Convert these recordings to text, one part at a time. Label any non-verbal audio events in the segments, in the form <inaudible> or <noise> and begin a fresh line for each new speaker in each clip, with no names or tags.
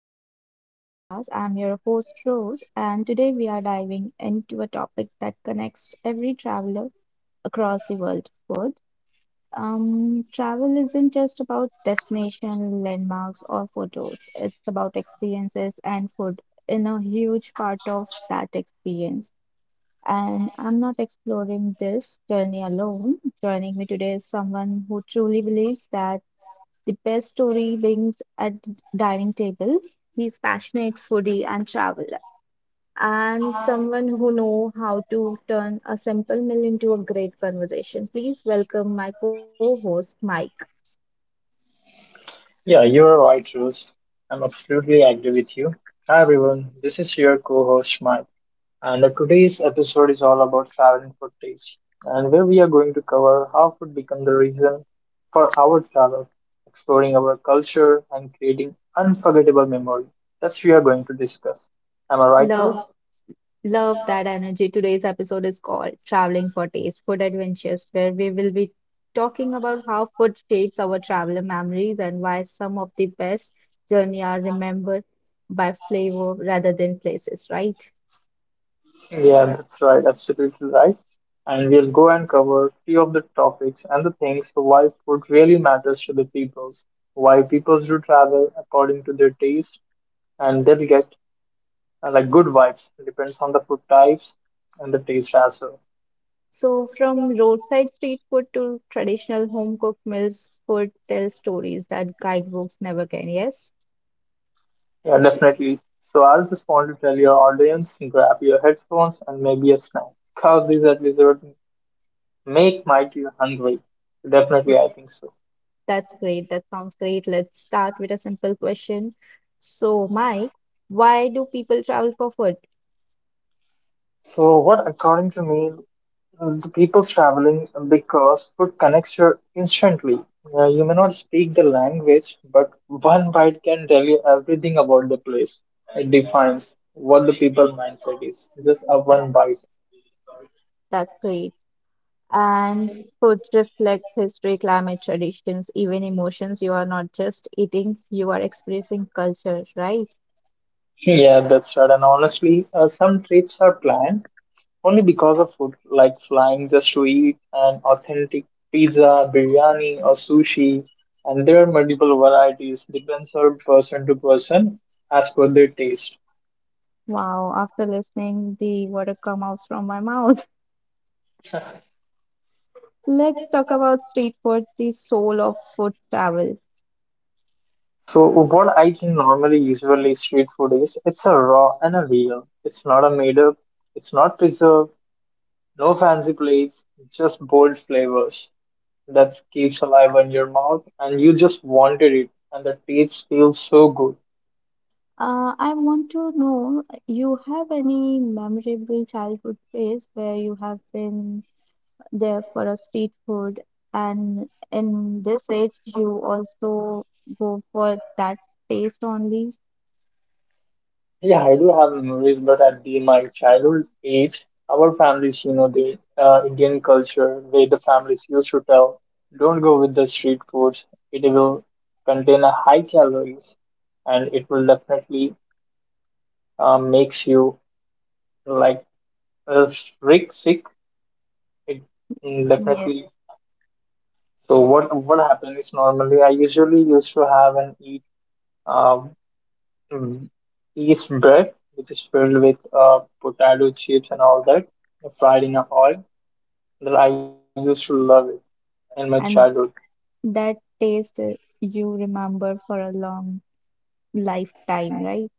Welcome to the podcast. I'm your host, Rose, and today we are diving into a topic that connects every traveler across the world food. Travel isn't just about destination, landmarks, or photos, it's about experiences, and food in a huge part of that experience. And I'm not exploring this journey alone. Joining me today is someone who truly believes that the best story begins at the dining table. He's passionate foodie and traveler, and someone who know how to turn a simple meal into a great conversation. Please welcome my co-host Mike.
Yeah, you are right, Rose. I'm absolutely agree with you. Hi everyone, this is your co-host Mike, and today's episode is all about traveling for taste, and where we are going to cover how food become the reason for our travel, exploring our culture and creating unforgettable memory. That's we are going to discuss. Am I right, Rose?
Love, love that energy. Today's episode is called "Traveling for Taste: Food Adventures," where we will be talking about how food shapes our traveler memories and why some of the best journey are remembered by flavor rather than places. Right?
Yeah, that's right, absolutely right. And we'll go and cover few of the topics and the things why food really matters to the peoples, why peoples do travel according to their taste, and they'll get like good vibes. Depends on the food types and the taste as well.
So, from roadside street food to traditional home cooked meals, food tells stories that guidebooks never can. Yes.
Yeah, definitely. So I'll just want to tell your audience, grab your headphones and maybe a snack. Because these episodes make might you hungry. Definitely,
Let-
I think so.
that's great. That sounds great. Let's start with a simple question. So, Mike, why do people travel for food?
So, what according to me. The people's traveling because food connects you instantly. You may not speak the language, but one bite can tell you everything about the place. It defines what the people mindset is. Just a
That-
one bite.
That's great. And food reflects history, climate, traditions, even emotions. You are not just eating, you are expressing cultures, right?
Yeah, that's right. And honestly, some trips are planned only because of food, like flying just to eat an authentic pizza, biryani, or sushi. And there are multiple varieties, depends on person to person as per their taste.
Wow, after listening, the water comes out from my mouth. Let's talk about street food, the soul of food travel.
So what I think normally usually street food is, it's a raw and a real. It's not a made up, it's not preserved, no fancy plates, just bold flavors that keeps alive in your mouth and you just wanted it and the taste feels so good.
I want to know, you have any memorable childhood place where you have been there for a street food, and in this age you also go for that taste only?
Yeah, I do have memories, but at the my childhood age, our families, you know, the Indian culture, where the families used to tell, don't go with the street foods. It will contain a high calories and it will definitely makes you like sick sick it
Yes,
Definitely. So what happens is normally I usually used to have and eat um mm, yeast bread which is filled with potato chips and all that fried in a oil that I used to love it in my
and
childhood.
that taste you remember for a long lifetime, right?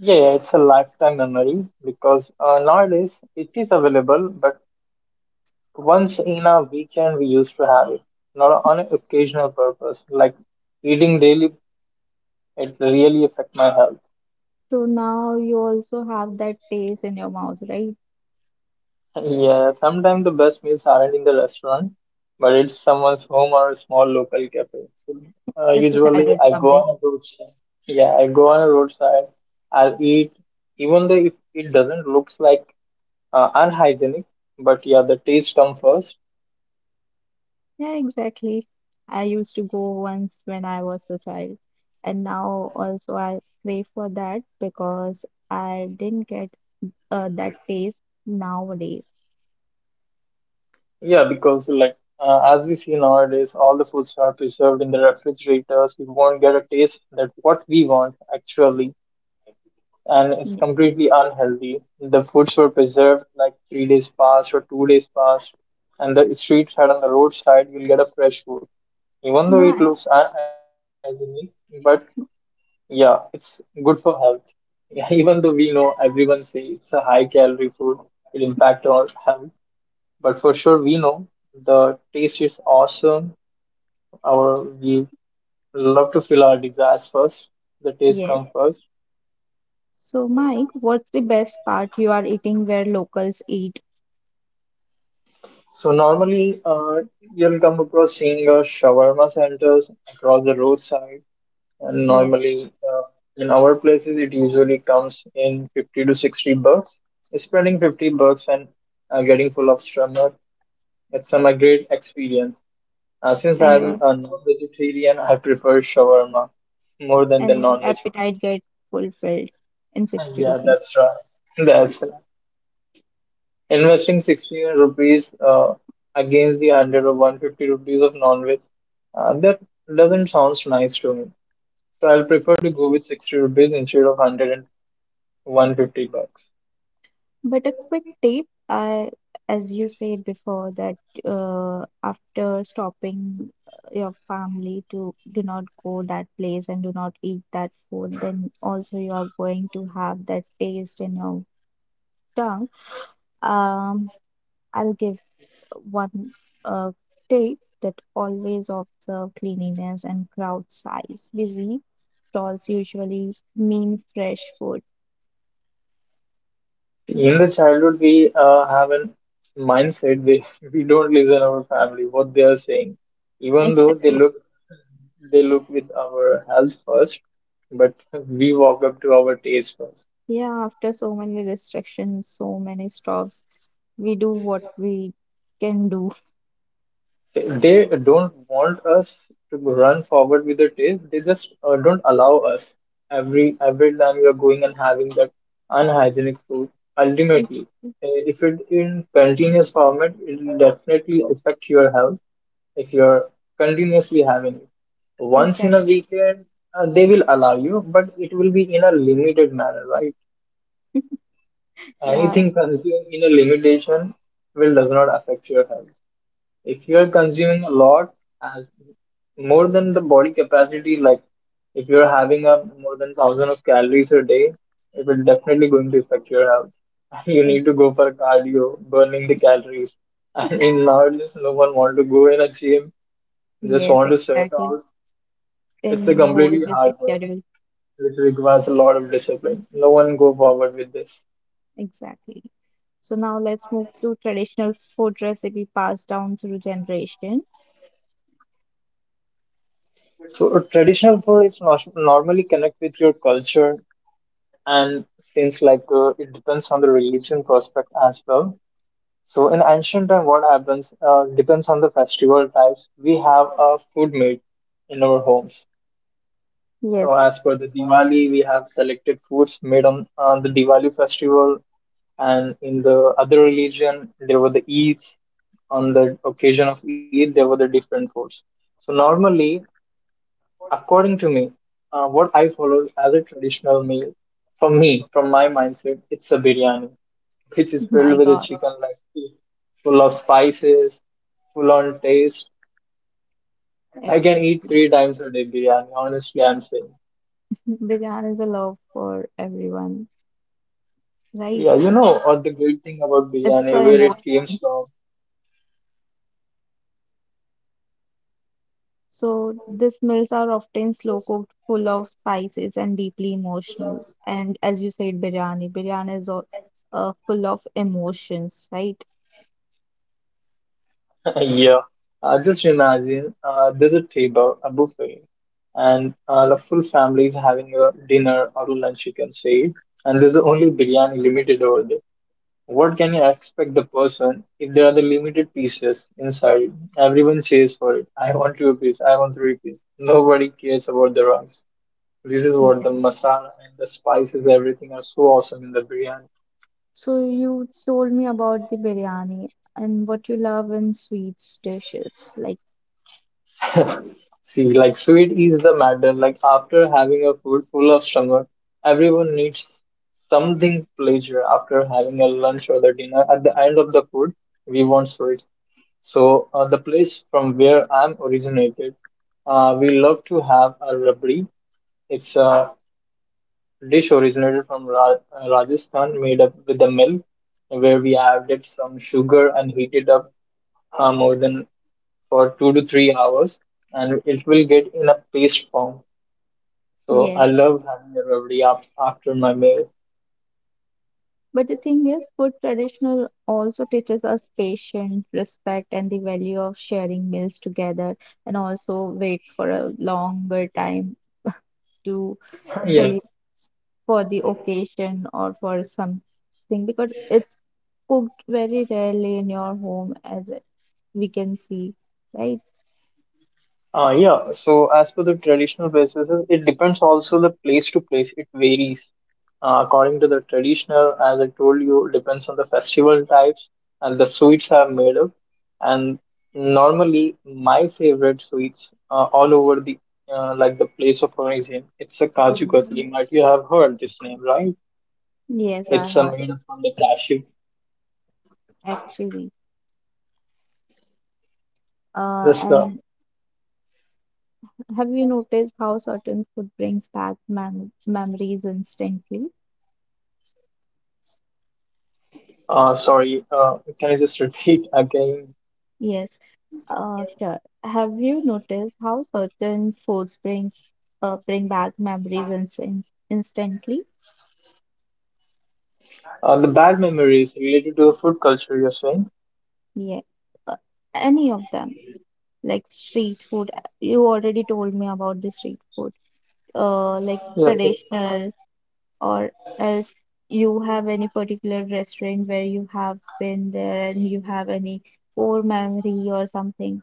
Yeah, yeah, it's a lifetime memory because nowadays it is available but once in a weekend we used to have it, not on an occasional purpose like eating daily. It really affect my health. <laughs>
So now you also have that taste in your mouth, right?
Yeah, sometimes the best meals aren't in the restaurant, but it's someone's home or a small local cafe. So,
It's a
usually
childhood
I go
memory.
on a roadside. Yeah, I go on a roadside. I'll eat, even though if it doesn't looks like unhygienic, but yeah, the taste comes first.
Yeah, exactly. I used to go once when I was a child, and now also I crave for that because I didn't get that taste nowadays.
Yeah, because like as we see nowadays, all the foods are preserved in the refrigerators. We won't get a taste that what we want actually. And it's
Mm.
completely unhealthy. The foods were preserved like 3 days past or 2 days past, and the street side on the roadside will get a fresh food, even
So
though it
my
looks unhygienic. But yeah, it's good for health. <laughs> Even though we know everyone say it's a high calorie food, it impact our health. But for sure, we know the taste is awesome. Our we love to feel our desires first. The taste
Yes.
comes first.
So Mike, what's the best part you are eating where locals eat?
So normally, you'll come across seeing shawarma centers across the roadside, and
Yes,
normally in our places it usually comes in 50 to 60 bucks. Spending 50 bucks and getting full of shawarma, it's a great experience. Since
and
I'm
your
a non-vegetarian, I prefer shawarma more than the
and your
non-vegetarian.
appetite gets fulfilled in
<laughs>
60
Yeah,
rupees.
that's right. That's investing 60 rupees against the 100 or 150 rupees of non-veg, that doesn't sound nice to me. So I'll prefer to go with 60 rupees instead of one hundred and one fifty bucks.
But a quick tip, as you said before, that after stopping your family to do not go that place and do not eat that food, then also you are going to have that taste in your tongue. Um, I'll give one uh, tip that always observe cleanliness and crowd size. Busy stalls usually mean fresh food. <laughs>
In the childhood, we have a mindset we, <laughs> we don't listen our family, what they are saying. Even though
Exactly.
they look with our health first, but <laughs> we walk up to our taste first.
Yeah, after so many restrictions, so many stops, we do what we can do.
They don't want us to run forward with the taste. They just don't allow us. Every time we are going and having that unhygienic food,
Ex-
ultimately, if it in continuous format, it will definitely affect your health. If you're continuously having it once in a
Exactly.
weekend, they will allow you, but it will be in a limited manner, right?
Yeah.
Anything consumed in a limitation will does not affect your health. If you are consuming a lot, as more than the body capacity, like if you're having a more than thousand of calories a day, it will definitely going to affect your health. <laughs> You need
ex-
to go for cardio, burning the calories. <laughs> And in nowadays, no one want to go in a gym, just
Yes,
want to sweat
exactly.
out. It's a
In whole
completely
busy
hard work,
schedule.
which requires a lot of discipline. No one go forward with this.
Exactly. So now let's move to traditional food recipe passed down through generation.
So a traditional food is not normally connect with your culture, and since like it depends on the religion prospect as well. So in ancient time what happens, depends on the festival types we have a food made in our homes. So as
Yes.
per the Diwali we have selected foods made on the Diwali festival, and in the other religion there were the Eids. On the occasion of Eid there were the different foods. So normally, according to me, what I follow as a traditional meal, for me, from my mindset, it's a biryani, which is
My
filled with a
God.
chicken like full of spices, full on taste. I can
Actually,
eat three times a day biryani, honestly, I'm saying.
biryani is a love for everyone,
Yeah,
right?
you know, or the great thing about
It's
biryani,
the
where it came from.
So these meals are often slow cooked, full of spices and deeply emotional. And as you said, biryani is all, full of emotions, right?
<laughs> Yeah, just imagine there's a table, a buffet, and the full family is having a dinner or lunch, you can say, and there's only biryani limited over there. What can you expect the person if there are the limited pieces inside? Everyone cheers for it. I want two piece. I want three piece. Nobody cares about the rice. This is what
Yeah.
the masala and the spices, everything are so awesome in the biryani.
So you told me about the biryani and what you love in sweets dishes. Like,
See, like sweet is the matter. Like after having a food full of stomach, everyone needs something pleasure after having a lunch or the dinner. At the end of the food, we want sweets. So the place from where I'm originated, we love to have a rabri. It's a dish originated from Rajasthan, made up with the milk, where we added some sugar and heat it up more than for 2 to 3 hours, and it will get in a paste form. So I
yes.
love having a after my meal.
But the thing is, food traditional also teaches us patience, respect, and the value of sharing meals together, and also wait for a longer time to
<coughs> <laughs> Yeah.
celebrate for the occasion or for something because it's cooked very rarely in your home, as we can see, right?
Yeah. So as per the traditional basis, it depends also the place to place. It varies according to the traditional. As I told you, depends on the festival types and the sweets are made of. And normally, my favorite sweets all over the like the place of origin. It's a kaju katli. Might you have heard this name, right?
Yes, I heard
It's
it
made from the cashew.
actually. And
That's the
have you noticed how certain food brings back memories instantly?
Sorry, can I just repeat <laughs> again?
Yes, sure. Have you noticed how certain foods bring back memories instantly?
The bad memories related to the food culture, you're saying?
Yeah, uh, any of them, like street food. You already told me about the street food, like
Yes.
traditional, or else you have any particular restaurant where you have been there and you have any core memory or something.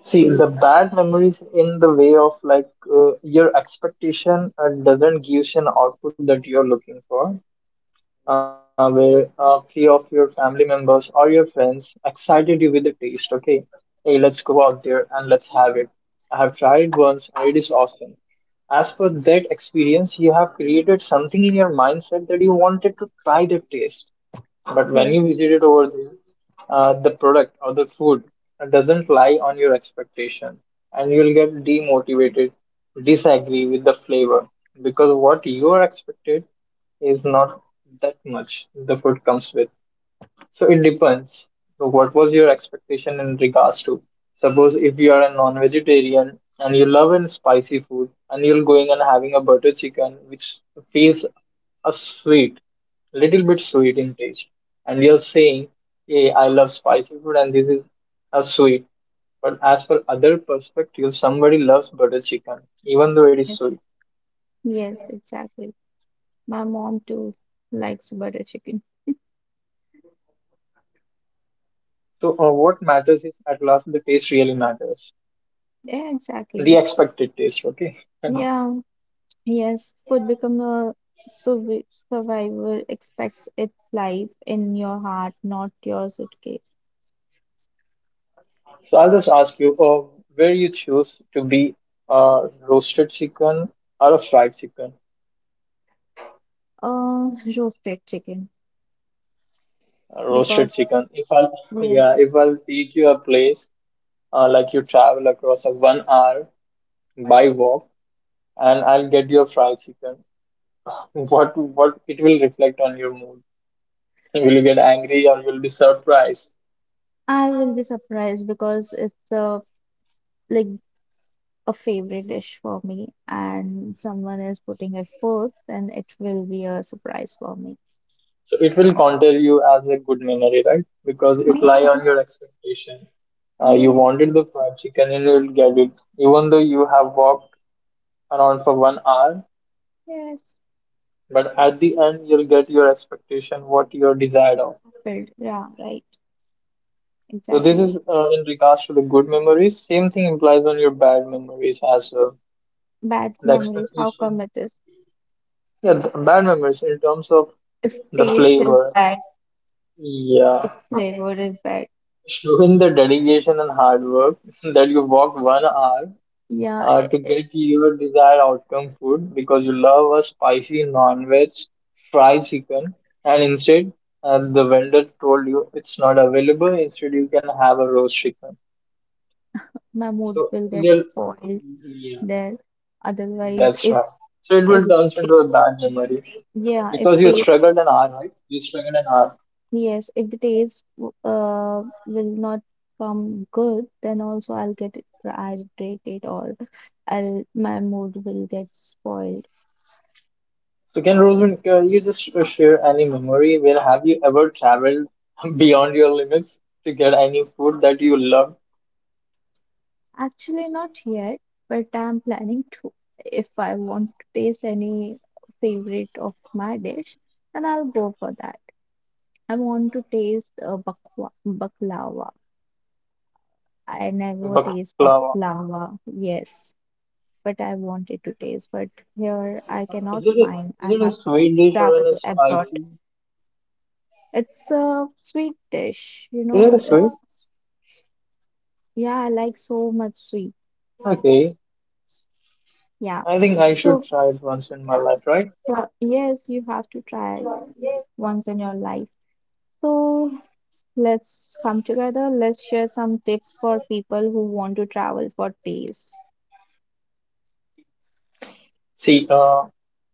See, the bad memories in the way of like your expectation doesn't give you an output that you're looking for. Where a few of your family members or your friends excited you with the taste. Okay, hey, let's go out there and let's have it. I have tried it once and it is awesome. As per that experience, you have created something in your mindset that you wanted to try the taste. But when
Yes,
you visit it over there, the product or the food doesn't lie on your expectation, and you'll get demotivated, disagree with the flavor because what you are expected is not that much the food comes with. So it depends. So what was your expectation in regards to? Suppose if you are a non-vegetarian and you love an spicy food and you're going and having a butter chicken which feels a sweet, little bit sweet in taste. And we are saying, hey, I love spicy food and this is a sweet. But as per other perspective, somebody loves butter chicken, even though it
yes,
is sweet.
yes, exactly. My mom too likes butter chicken.
So what matters is at last the taste really matters,
Yeah,
the
exactly.
expected taste. Okay. <laughs>
Yeah, yes, food become a survi- survivor expects its life in your heart, not your suitcase.
So I'll just ask you, where you choose to be, roasted chicken or a fried chicken?
Uh, roasted chicken
Roasted
because
chicken. If I'll, <laughs>
yeah,
yeah, if I'll teach you a place like you travel across a 1 hour by walk and I'll get your fried chicken. <laughs> What it will reflect on your mood? Will you get angry or you'll be surprised?
I will be surprised because it's a like a favorite dish for me, and someone is putting it forth, then it will be a surprise for me.
So it will counter you as a good memory, right? Because it lie on
Yes,
your expectation. You
yes,
wanted the fried chicken and you'll get it, even though you have walked around for 1 hour.
yes.
But at the end, you'll get your expectation, what you're desired of.
Filled. Yeah, right.
So this
Exactly.
is in regards to the good memories. Same thing implies on your bad memories as well,
Bad
the
memories. How
expectation,
come it is?
yeah, the bad memories in terms of
If
the
taste is
flavor,
bad, if
yeah,
flavor is bad,
showing the dedication and hard work <laughs> that you walked 1 hour
yeah,
to get your desired outcome food because you love a spicy non-veg fried chicken, and instead the vendor told you it's not available. Instead, you can have a roast chicken.
my mood will get
So
spoiled
yeah,
there.
yeah,
Otherwise,
that's
if
right. So it will
if
turn into a bad memory.
yeah, if
Because you
taste.
struggled an hour, right? You struggled an hour.
Yes, if the taste will not come good, then also irritated or I'll my mood will get spoiled.
So can Rosen, can you just share any memory where have you ever traveled <laughs> beyond your limits to get any food that you love?
Actually, not yet, but I'm planning to. If I want to taste any favorite of my dish, then I'll go for that. I want to taste bakwa baklava. I never taste
Baklava.
baklava. Yes, but I wanted to taste. But here I
Is it
cannot
a
find.
sweet
I
dish
have
or
to
a
travel
spicy?
abroad. It's a sweet
Is it a
dish, you
sweet?
know. It's yeah, I like so much sweet.
Okay.
Yeah.
I think I should
So
try it once in my life, right?
yes, you have to try it once in your life. So let's come together. Let's share some tips for people who want to travel for taste.
See, uh,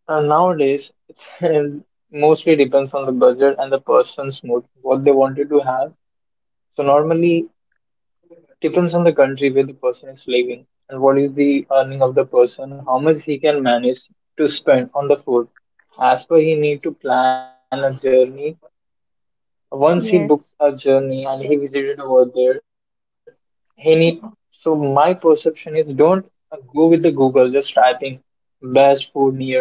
uh, nowadays it's <laughs> mostly depends on the budget and the person's mood, what they wanted to have. So normally depends on the country where the person is living and what is the earning of the person, how much he can manage to spend on the food. As per, he need to plan a journey. Once he booked
Yes.
a journey and he visited over there, he need. So my perception is don't go with the Google, just typing best food near me,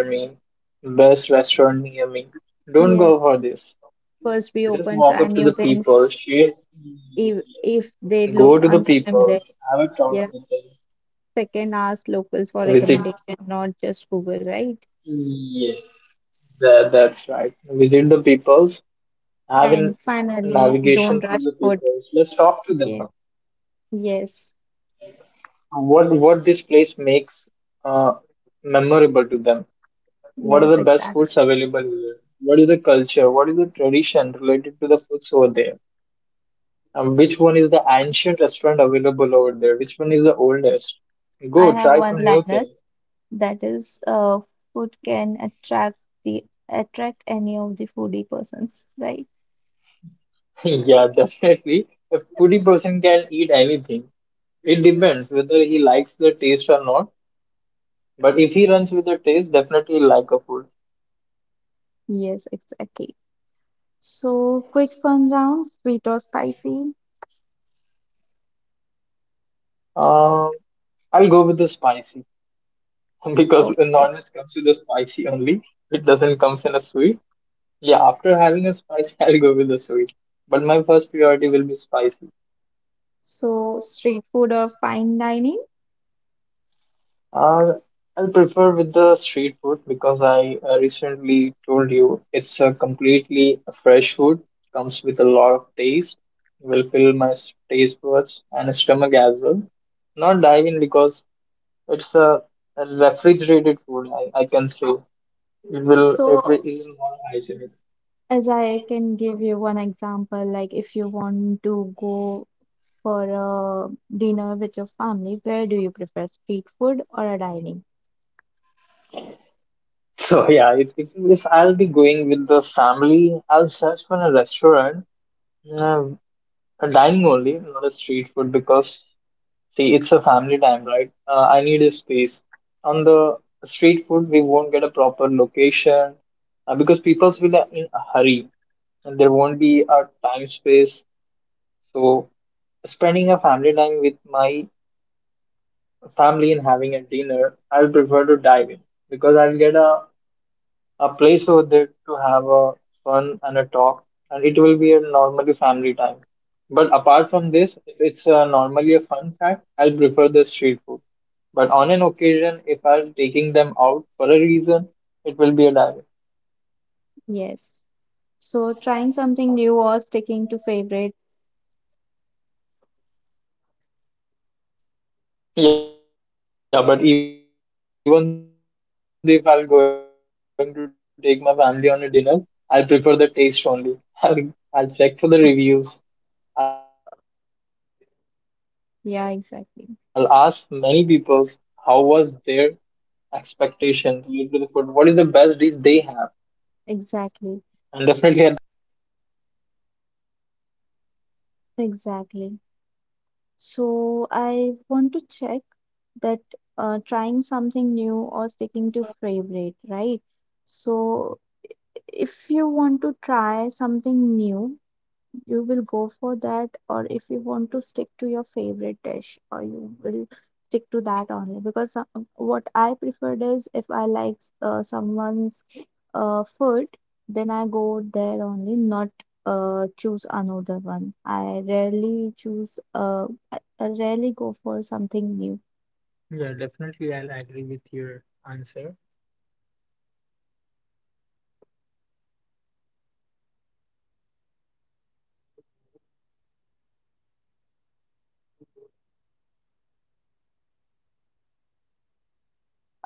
best restaurant near me. Don't go
Yes.
for this.
First, be
Just
open,
walk up
try
to the
new things
people, share.
if
Yes.
if they look
Go to the people,
unfamiliar.
have a talk
Yes.
with them.
Second, ask locals for
Visit.
recommendation, not just Google, right?
Yes, that's right. Visit the peoples. Have
And
a
finally,
navigation
don't
through
rush
the
food.
peoples. Let's talk to them.
Yes, yes,
What this place makes uh, memorable to them? What are the
yes,
best
exactly.
foods available here? What is the culture? What is the tradition related to the foods over there? And which one is the ancient restaurant available over there? Which one is the oldest?
I
Go
have
try
one
some new
liner
thing.
that is, food can attract the attract any of the foodie persons, right?
<laughs> Yeah, definitely. A foodie person can eat anything. It depends whether he likes the taste or not. But if he runs with the taste, definitely he'll like a food.
Yes, exactly. So, quick fun round, sweet or spicy?
Um, I'll go with the spicy <laughs> because the
Okay.
non-veg comes with the spicy only. It doesn't comes in a sweet. Yeah, after having a spicy, <laughs> I'll go with the sweet. But my first priority will be spicy.
So, street food or fine dining?
Uh, I'll prefer with the street food because I recently told you it's a completely fresh food, comes with a lot of taste, will fill my taste buds and stomach as well. Not diving because it's a refrigerated food, I can say.
So,
It will is more hygienic. <laughs>
as I can give you one example, like if you want to go for a dinner with your family, where do you prefer street food or a dining?
So yeah, if I'll be going with the family, I'll search for a restaurant, uh, a dining only, not a street food, because see, it's a family time, right? I need a space. On the street food, we won't get a proper location because people will are in a hurry and there won't be a time space. So, spending a family time with my family and having a dinner, I'll prefer to dive in because I'll get a place for them to have a fun and a talk, and it will be a normally family time. But apart from this, if it's normally a fun fact, I'll prefer the street food. But on an occasion, if I'm taking them out for a reason, it will be a diet.
Yes. So trying something new or sticking to favorites.
Yeah, but even if I'm going to take my family on a dinner, I'll prefer the taste only. <laughs> I'll, I don't walk up to any restaurant without knowing what is the taste of the food. I'll check for the reviews. I'll ask many people how was their
Yeah,
expectation
exactly.
related to the food. What is the best dish they have? And definitely at the cost as well. I'll see for the cost of the food.
Exactly. Exactly. So I want to check that trying something new or sticking to favorite, right? So if you want to try something new, you will go for that, or if you want to stick to your favorite dish or you will stick to that only. Because What I preferred is if I like someone's food, then I go there only, not choose another one. I rarely choose, I rarely go for something new.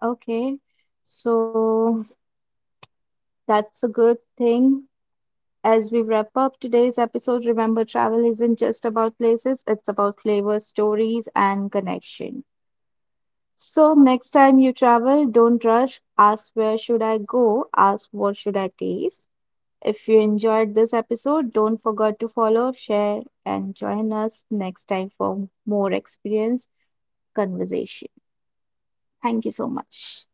Okay, so that's a good thing. As we wrap up today's episode, remember travel isn't just about places, it's about flavors, stories, and connection. So, next time you travel, don't rush. Ask, where should I go? Ask, what should I taste? If you enjoyed this episode, don't forget to follow, share, and join us next time for more experience conversation. Thank you so much.